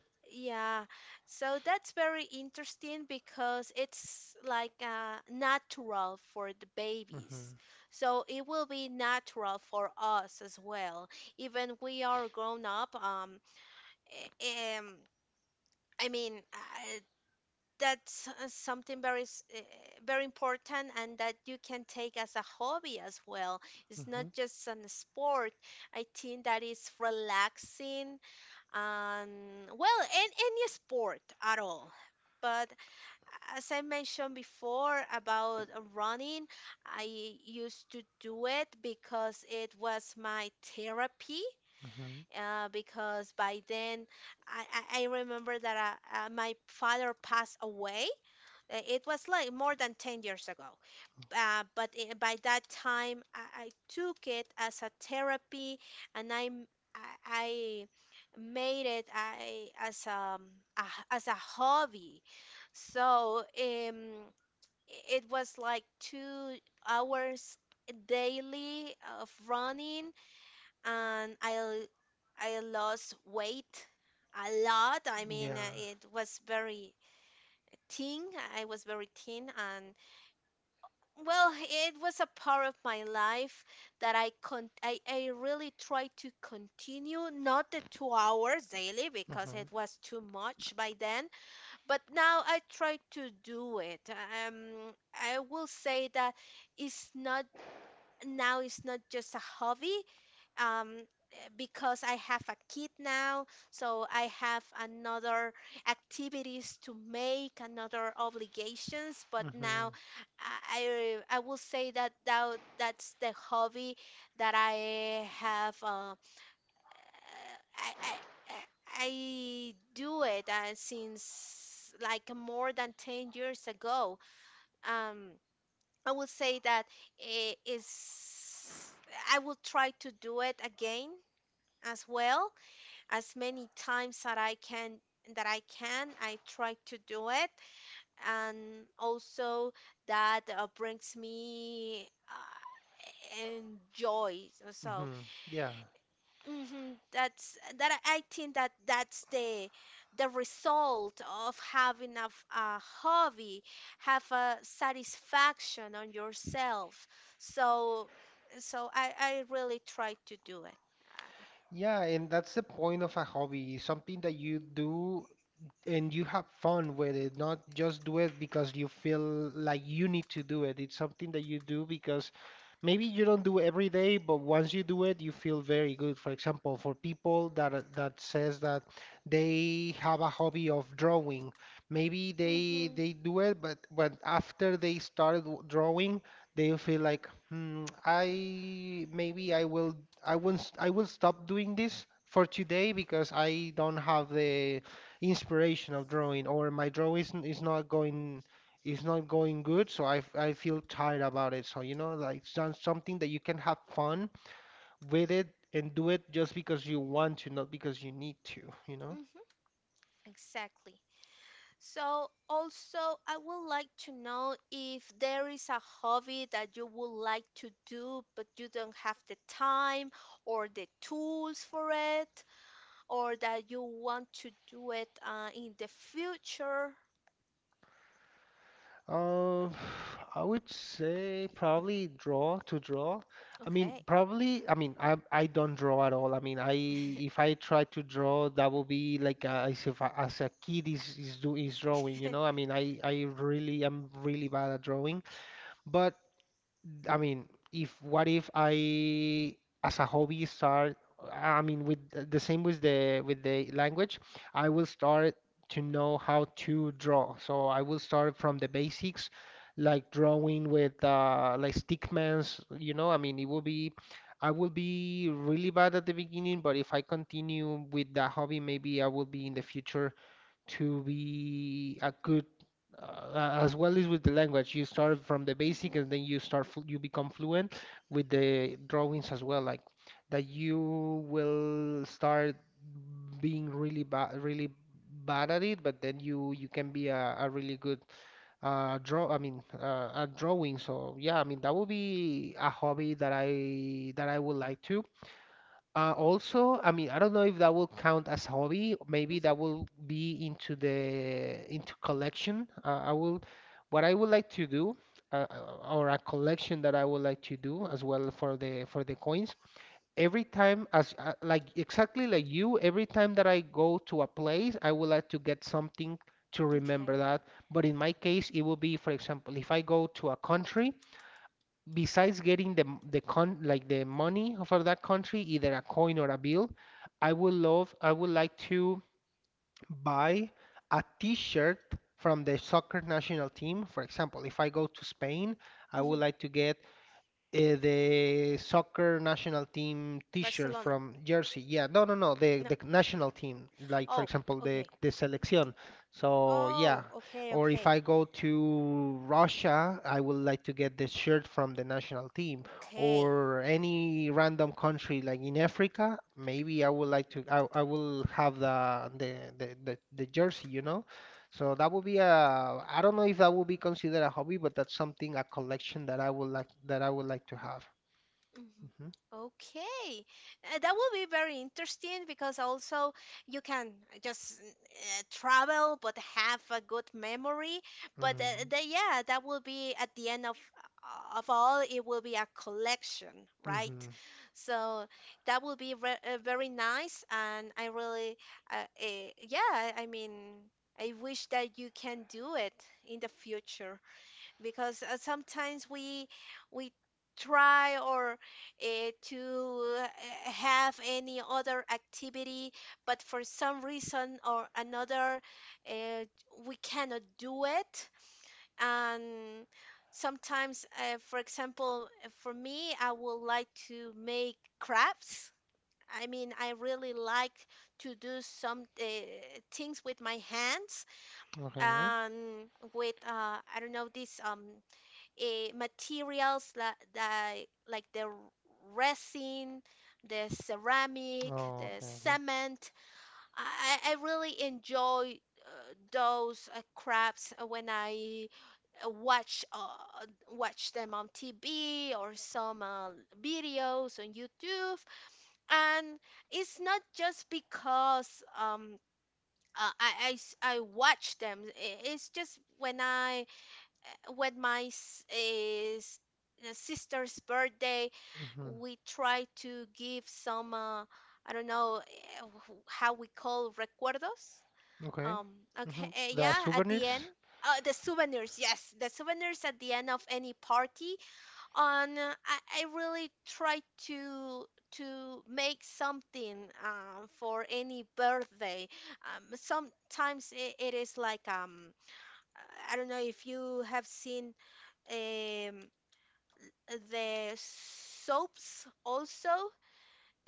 S1: Yeah, so that's very interesting because it's like natural for the
S2: hmm
S1: babies. So it will be natural for us as well. Even we are grown up, eh, um, I mean, that's something very, very important and that you can take as a hobby as well. It's
S2: hmm
S1: not just an sport. I think that is relaxing. Well, in any sport at all. But as I mentioned before about running, I used to do it because it was my therapy.
S2: hmm
S1: Because by then, I, I remember that my father passed away. It was like more than 10 years ago. By that time, I took it as a therapy, and I made it as a, as a hobby. So it was like 2 hours daily of running, and I lost weight a lot. I mean,
S2: Yeah.
S1: it was very thin. I was very thin, and well, it was a part of my life that I really tried to continue, not the 2 hours daily
S2: hmm
S1: because it was too much by then, but now I try to do it. I will say that it's not now it's not just a hobby, um because I have a kid now, so I have another activities to make, another obligations. But
S2: hmm
S1: now, I will say that that's the hobby that I have. I I I do it since like more than 10 years ago. Um, I will say that it is. I will try to do it again as well as many times that I can I try to do it, and also that brings me and joy, so
S2: hmm Yeah.
S1: mhm, that's that I think that that's the result of having a, a hobby, have a satisfaction on yourself. So so I really try to do it.
S2: Yeah, and that's the point of a hobby, something that you do and you have fun with it, not just do it because you feel like you need to do it. It's something that you do because maybe you don't do it every day, but once you do it, you feel very good. For example, for people that says that they have a hobby of drawing, maybe
S1: uh,
S2: they
S1: mhm
S2: do it, but after they started drawing, they feel like, hmm, I maybe I will I won't I will stop doing this for today because I don't have the inspiration of drawing, or my drawing is not going good, so I feel tired about it. So you know, like something that you can have fun with it and do it just because you want to, not because you need to, you know.
S1: mhm, exactly. So, also, I would like to know if there is a hobby that you would like to do, but you don't have the time or the tools for it, or that you want to do it in the future.
S2: Uh, I would say probably draw to draw. I mean,
S1: Okay.
S2: probably, I mean, I don't draw at all. I mean, I if I try to draw, that will be like as if I, as a kid is drawing, you know? I
S1: Hmm.
S2: mean, I really am really bad at drawing. But I mean, if what if I, as a hobby, start, I mean, with the same with the language, I will start to know how to draw. So I will start from the basics, like drawing with like stickmans, you know, I mean, it will be, I will be really bad at the beginning, but if I continue with that hobby, maybe I will be in the future to be a good as well as with the language you start from the basic and then you start you become fluent with the drawings as well, like that you will start being really bad at it, but then you can be a really good draw I mean at drawing. So yeah, I mean that would be a hobby that I would like to. Also, I mean, I don't know if that will count as hobby. Maybe that
S1: Hmm.
S2: will be into the into collection. I will, what I would like to do, or a collection that I would like to do as well for the coins. Every time, as like exactly like you, every time that I go to a place, I would like to get something to remember that.
S1: Okay.
S2: But in my case, it will be, for example, if I go to a country, besides getting the con like the money for that country, either a coin or a bill, I would like to buy a t-shirt from the soccer national team. For example, if I go to Spain, I would
S1: Hmm.
S2: like to get the soccer national team t-shirt
S1: Barcelona.
S2: from Jersey. Yeah, no, no, no. The
S1: No.
S2: national team, like for
S1: Oh,
S2: example,
S1: okay.
S2: the selección. So yeah,
S1: Oh, okay,
S2: or if I
S1: okay.
S2: go to Russia, I would like to get the shirt from the national team,
S1: Okay.
S2: or any random country like in Africa. Maybe I would like to. I will have the jersey, you know. So that would be a, I don't know if that would be considered a hobby, but that's something, a collection that I would like that I would like to have.
S1: Mhm.
S2: hmm
S1: Okay, that will be very interesting because also you can just travel but have a good memory. But
S2: hmm
S1: yeah, that will be at the end of all, it will be a collection, right?
S2: hmm
S1: So that will be re very nice, and I really, uh, yeah, I mean, I wish that you can do it in the future because sometimes we try or to have any other activity, but for some reason or another, uh, we cannot do it. And sometimes, for example, for me, I would like to make crafts. I mean, I really like to do some things with my hands
S2: Okay.
S1: and with I don't know these materials that like the resin, the ceramic,
S2: Oh, okay,
S1: the
S2: okay.
S1: cement. I really enjoy those crafts when I uh, watch uh, watch them on TV or some videos on YouTube. And it's not just because I watch them. It's just when I when my s- is sister's birthday,
S2: hmm
S1: we try to give some I don't know how we call recuerdos.
S2: Okay.
S1: Um, okay,
S2: The
S1: yeah, at the
S2: souvenirs?
S1: end. The souvenirs, yes, the souvenirs at the end of any party. On, I really try to to make something for any birthday. Sometimes it is like I don't know if you have seen um, the soaps also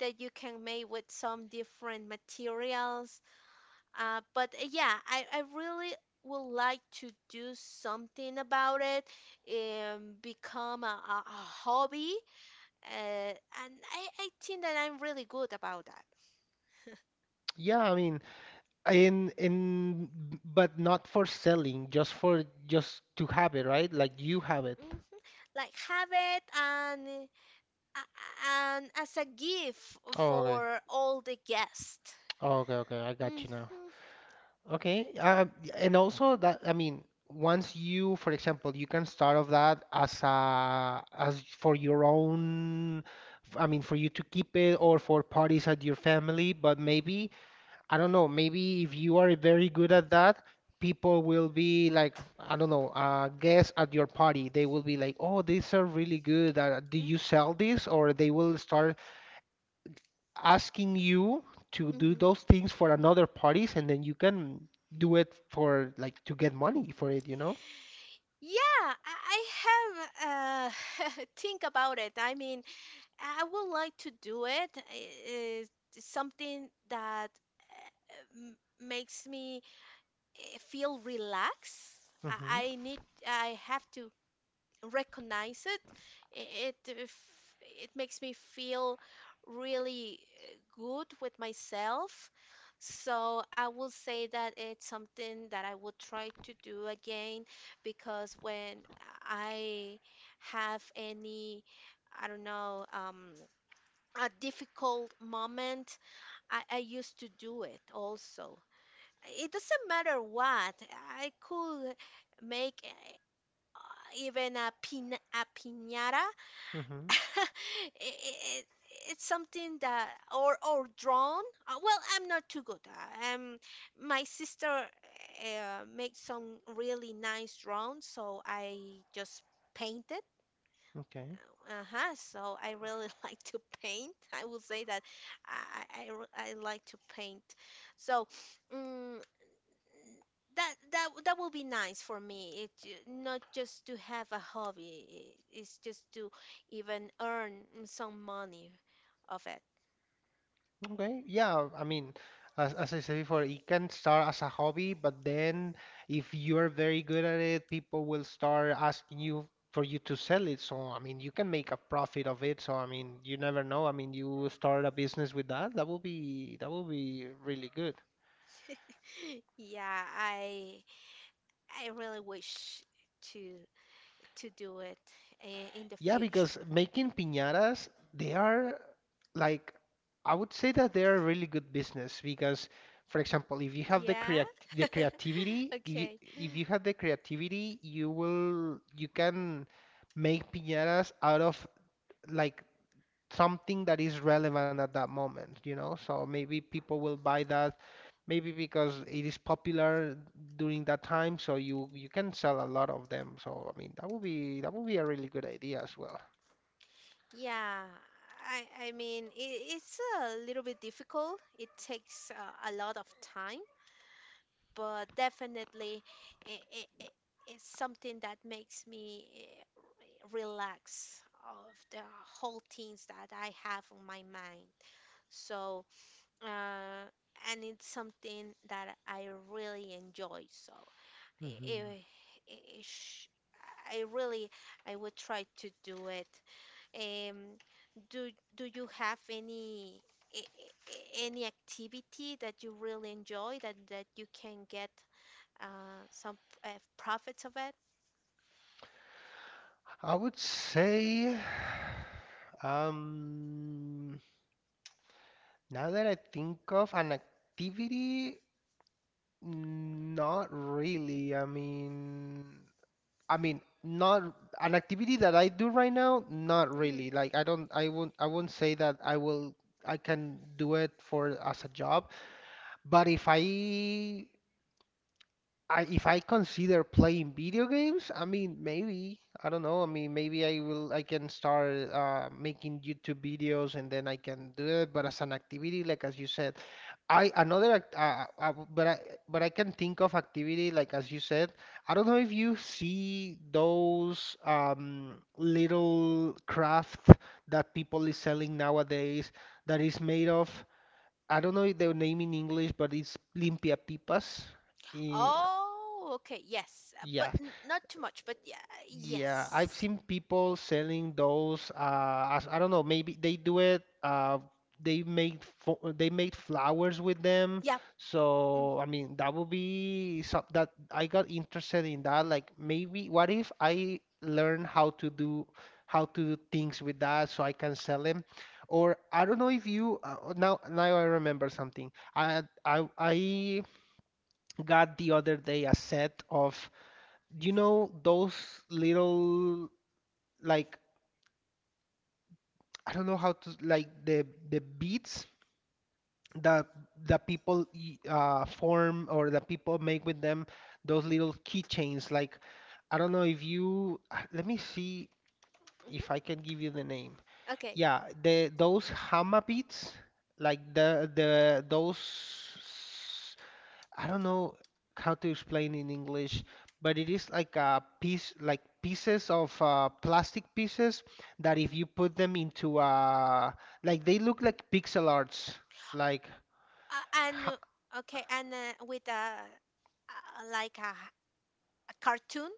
S1: that you can make with some different materials. But Yeah, I really would like to do something about it, become a hobby, and I think that I'm really good about that.
S2: Yeah, I mean, in but not for selling, just for just to have it, right? Like you have it.
S1: Hmm. Like have it uh, and as a gift
S2: Oh, okay.
S1: for all the guests.
S2: Oh, okay, okay. I got you now. Okay, and also that I mean, once you, for example, you can start off that as a as for your own, I mean, for you to keep it or for parties at your family. But maybe I don't know. Maybe if you are very good at that, people will be like, I don't know, guests at your party. They will be like, oh, these are really good. Do
S1: Hmm.
S2: you sell this? Or they will start asking you to do those things for another parties and then you can do it for like to get money for it, you know?
S1: Yeah, I have think about it. I mean, I would like to do it. It's something that makes me feel relaxed. I,
S2: Mm-hmm.
S1: I need, I have to recognize it, it it f- it makes me feel really good with myself. So I will say that it's something that I will try to do again because when I have any, I don't know, a difficult moment, I used to do it also. It doesn't matter what, I could make even a piñata.
S2: Mm-hmm.
S1: it, it, it's something that or drawn. Well, I'm not too good. My sister makes some really nice drawings, so I just paint it.
S2: Okay.
S1: Uh-huh. So I really like to paint. I will say that I like to paint. So, mm that that will be nice for me. Not just to have a hobby, it's just to even earn some money of it.
S2: Okay. Yeah, I mean, as I said before, it can start as a hobby, but then if you're very good at it, people will start asking you for you to sell it. So, I mean, you can make a profit of it. So, I mean, you never know. I mean, you start a business with that. That will be really good.
S1: Yeah, I really wish to to do it in the
S2: Yeah, because
S1: future.
S2: making piñatas, they are like, I would say that they are a really good business because, for example, if you have
S1: Yeah.
S2: the creativity, you,
S1: Okay.
S2: if you have the creativity, you can make piñatas out of like something that is relevant at that moment, you know? So maybe people will buy that, maybe because it is popular during that time, so you can sell a lot of them. So I mean, that would be a really good idea as well.
S1: Yeah. I mean, it's a little bit difficult. It takes a lot of time, but definitely it, it, it, it's something that makes me relax of the whole things that I have on my mind. So, uh, and it's something that I really enjoy. So, i-
S2: Mhm.
S1: i- i- i- sh- I really I would try to do it. Um, do do you have any any activity that you really enjoy that that you can get some uh, profits of it.
S2: I would say, um, now that I think of an activity, not really. I mean, not an activity that I do right now, not
S1: hmm
S2: really. Like I won't say that I will, I can do it for as a job. But if I I, if I consider playing video games, I mean, maybe, I don't know. I mean, maybe I can start making YouTube videos and then I can do it. But as an activity, like as you said, I another, act- but I can think of activity, like as you said. I don't know if you see those little craft that people is selling nowadays that is made of, I don't know the name in English, but it's limpia pipas. Eh,
S1: Oh, okay, yes,
S2: yeah,
S1: but n not too much, but yeah,
S2: Yeah, I've
S1: yes,
S2: seen people selling those. As, I don't know, maybe they do it. They made flowers with them.
S1: yep. Mm.
S2: So I mean, that would be some that I got interested in that. Like maybe, what if I learn how to do things with that so I can sell them? Or I don't know if you now I remember something. I got the other day a set of you know those little like I don't know how to like the beats that that people form or that people make with them those little keychains. Like I don't know if you let me see if
S1: Hmm.
S2: I can give you the name.
S1: Okay.
S2: Yeah, the those hammer beats like the those I don't know how to explain in English, but it is like a piece, like pieces of plastic pieces that if you put them into like they look like pixel arts, like
S1: And okay, and with a like a cartoon,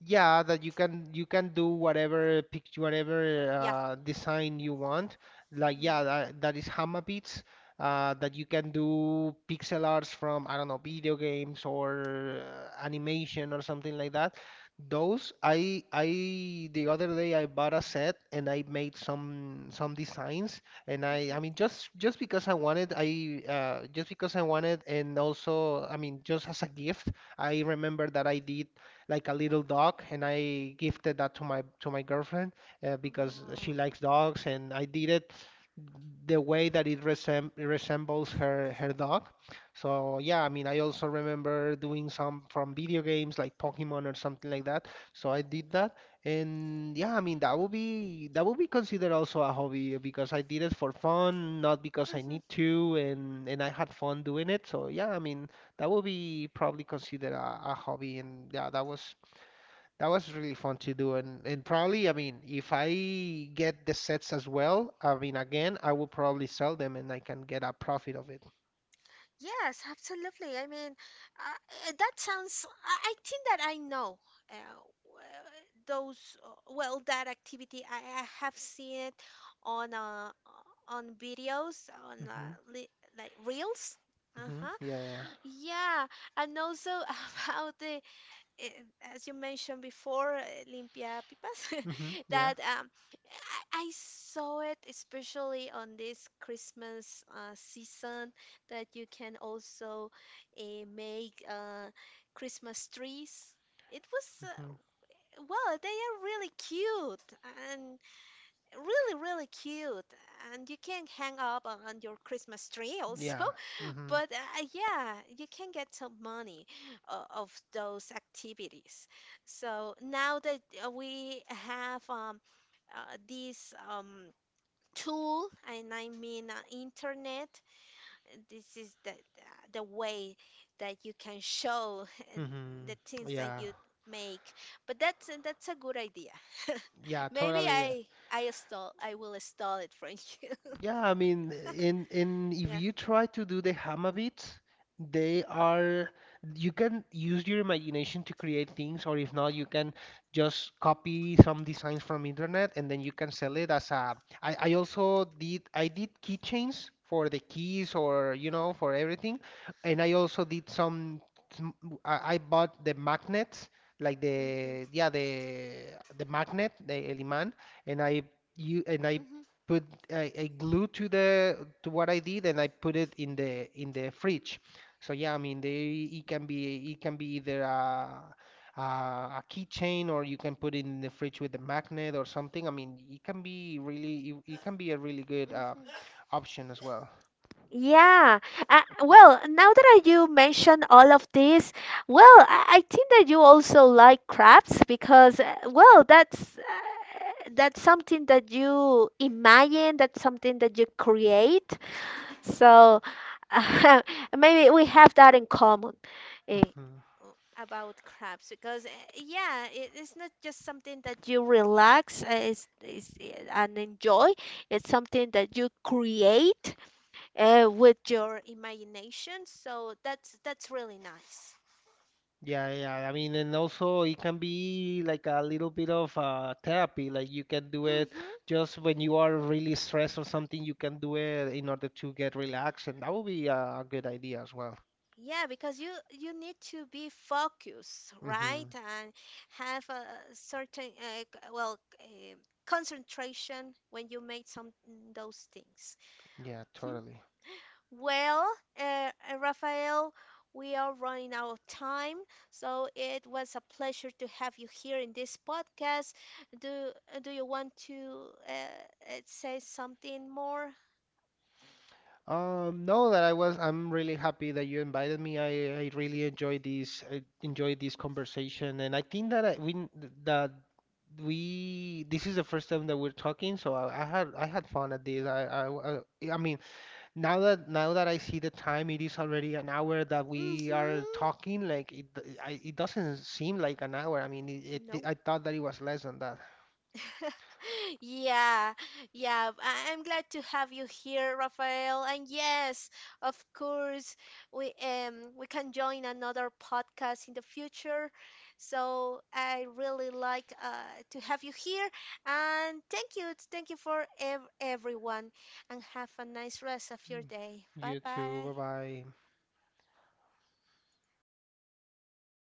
S2: Yeah, that you can do whatever picture, whatever
S1: yeah.
S2: design you want. Like
S1: Hmm.
S2: yeah, that, that is Hama Beats. That you can do pixel arts from I don't know video games or animation or something like that. Those I the other day I bought a set and I made some designs and I
S1: Hmm.
S2: mean just because I wanted I just because I wanted and also I mean just as a gift I remember that I did like a little dog, and I gifted that to my girlfriend because she likes dogs, and I did it the way that it resembles her dog. So yeah, I mean, I also remember doing some from video games like Pokemon or something like that. So I did that, and yeah, I mean that would be considered also a hobby because I did it for fun, not because I need
S1: Oh.
S2: to, and I had fun doing it. So yeah, I mean that will be probably considered a hobby and yeah that was really fun to do and probably I mean if I get the sets as well I mean again I will probably sell them and I can get a profit of it
S1: Yes, absolutely. I mean, that sounds, I think that I know uh, w- those, well, that activity. I have seen it on uh, on videos, on
S2: mm-hmm.
S1: li like reels.
S2: Mm-hmm.
S1: Uh-huh.
S2: Yeah, yeah.
S1: Yeah, and also about the, eh, as you mentioned before, limpia pipas,
S2: Mm-hmm. Yeah.
S1: that um, I saw it especially on this Christmas season, that you can also make Christmas trees. It was,
S2: Mm-hmm.
S1: well, they are really cute and really, really cute. And you can hang up on your Christmas tree also.
S2: Yeah. Mm-hmm.
S1: But yeah, you can get some money of those activities. So now that we have these tool, and I mean internet. This is the way that you can show
S2: Mm-hmm.
S1: the things that
S2: Yeah,
S1: you make. But that's a good idea.
S2: yeah,
S1: Maybe
S2: totally.
S1: I stole I will stall it from you.
S2: Yeah, I mean, in if
S1: Yeah.
S2: you try to do the hammer beats, they are you can use your imagination to create things, or if not, you can just copy some designs from internet and then you can sell it as a. I also did I did keychains for the keys or you know for everything, and I also did some- I bought the magnets like
S1: Hmm.
S2: the yeah the magnet the el imán and I you and I
S1: Hmm.
S2: put I glue to the to what I did and I put it in the fridge. So yeah, I mean they it can be either a, a keychain or you can put it in the fridge with a magnet or something. I mean it can be really it can be a really good
S1: Hmm.
S2: option as well.
S1: Yeah. Well, now that you mention all of this, well, I think that you also like crafts because, well, that's something that you imagine, that's something that you create. So maybe we have that in common eh,
S2: hmm
S1: about crafts because, yeah, it's not just something that you relax, it's, and enjoy. It's something that you create with your imagination. So that's really nice.
S2: Yeah, yeah. I mean, and also it can be like a little bit of therapy. Like you can do it
S1: Mm-hmm.
S2: just when you are really stressed or something, you can do it in order to get relaxed, and that would be a good idea as well.
S1: Yeah, because you need to be focused, right?
S2: hmm
S1: And have a certain concentration when you make some those things.
S2: Yeah,
S1: Hmm.
S2: totally.
S1: Well, Rafael, we are running out of time, so it was a pleasure to have you here in this podcast. Do do you want to say something more.
S2: No, that I was. I'm really happy that you invited me. I enjoyed this conversation, and I think that I, we n- that we this is the first time that we're talking, so I had fun at this. I mean. Now that I see the time, it is already an hour that we are
S1: Mm-hmm.
S2: talking. Like it doesn't seem like an hour. I mean,
S1: No.
S2: I thought that it was less than that.
S1: Yeah, yeah. I- I'm glad to have you here, Rafael. And yes, of course, we can join another podcast in the future. So I really like to have you here. And thank you for ev everyone. And have a nice rest of your day. Bye
S2: You too.
S1: bye.
S2: Bye bye.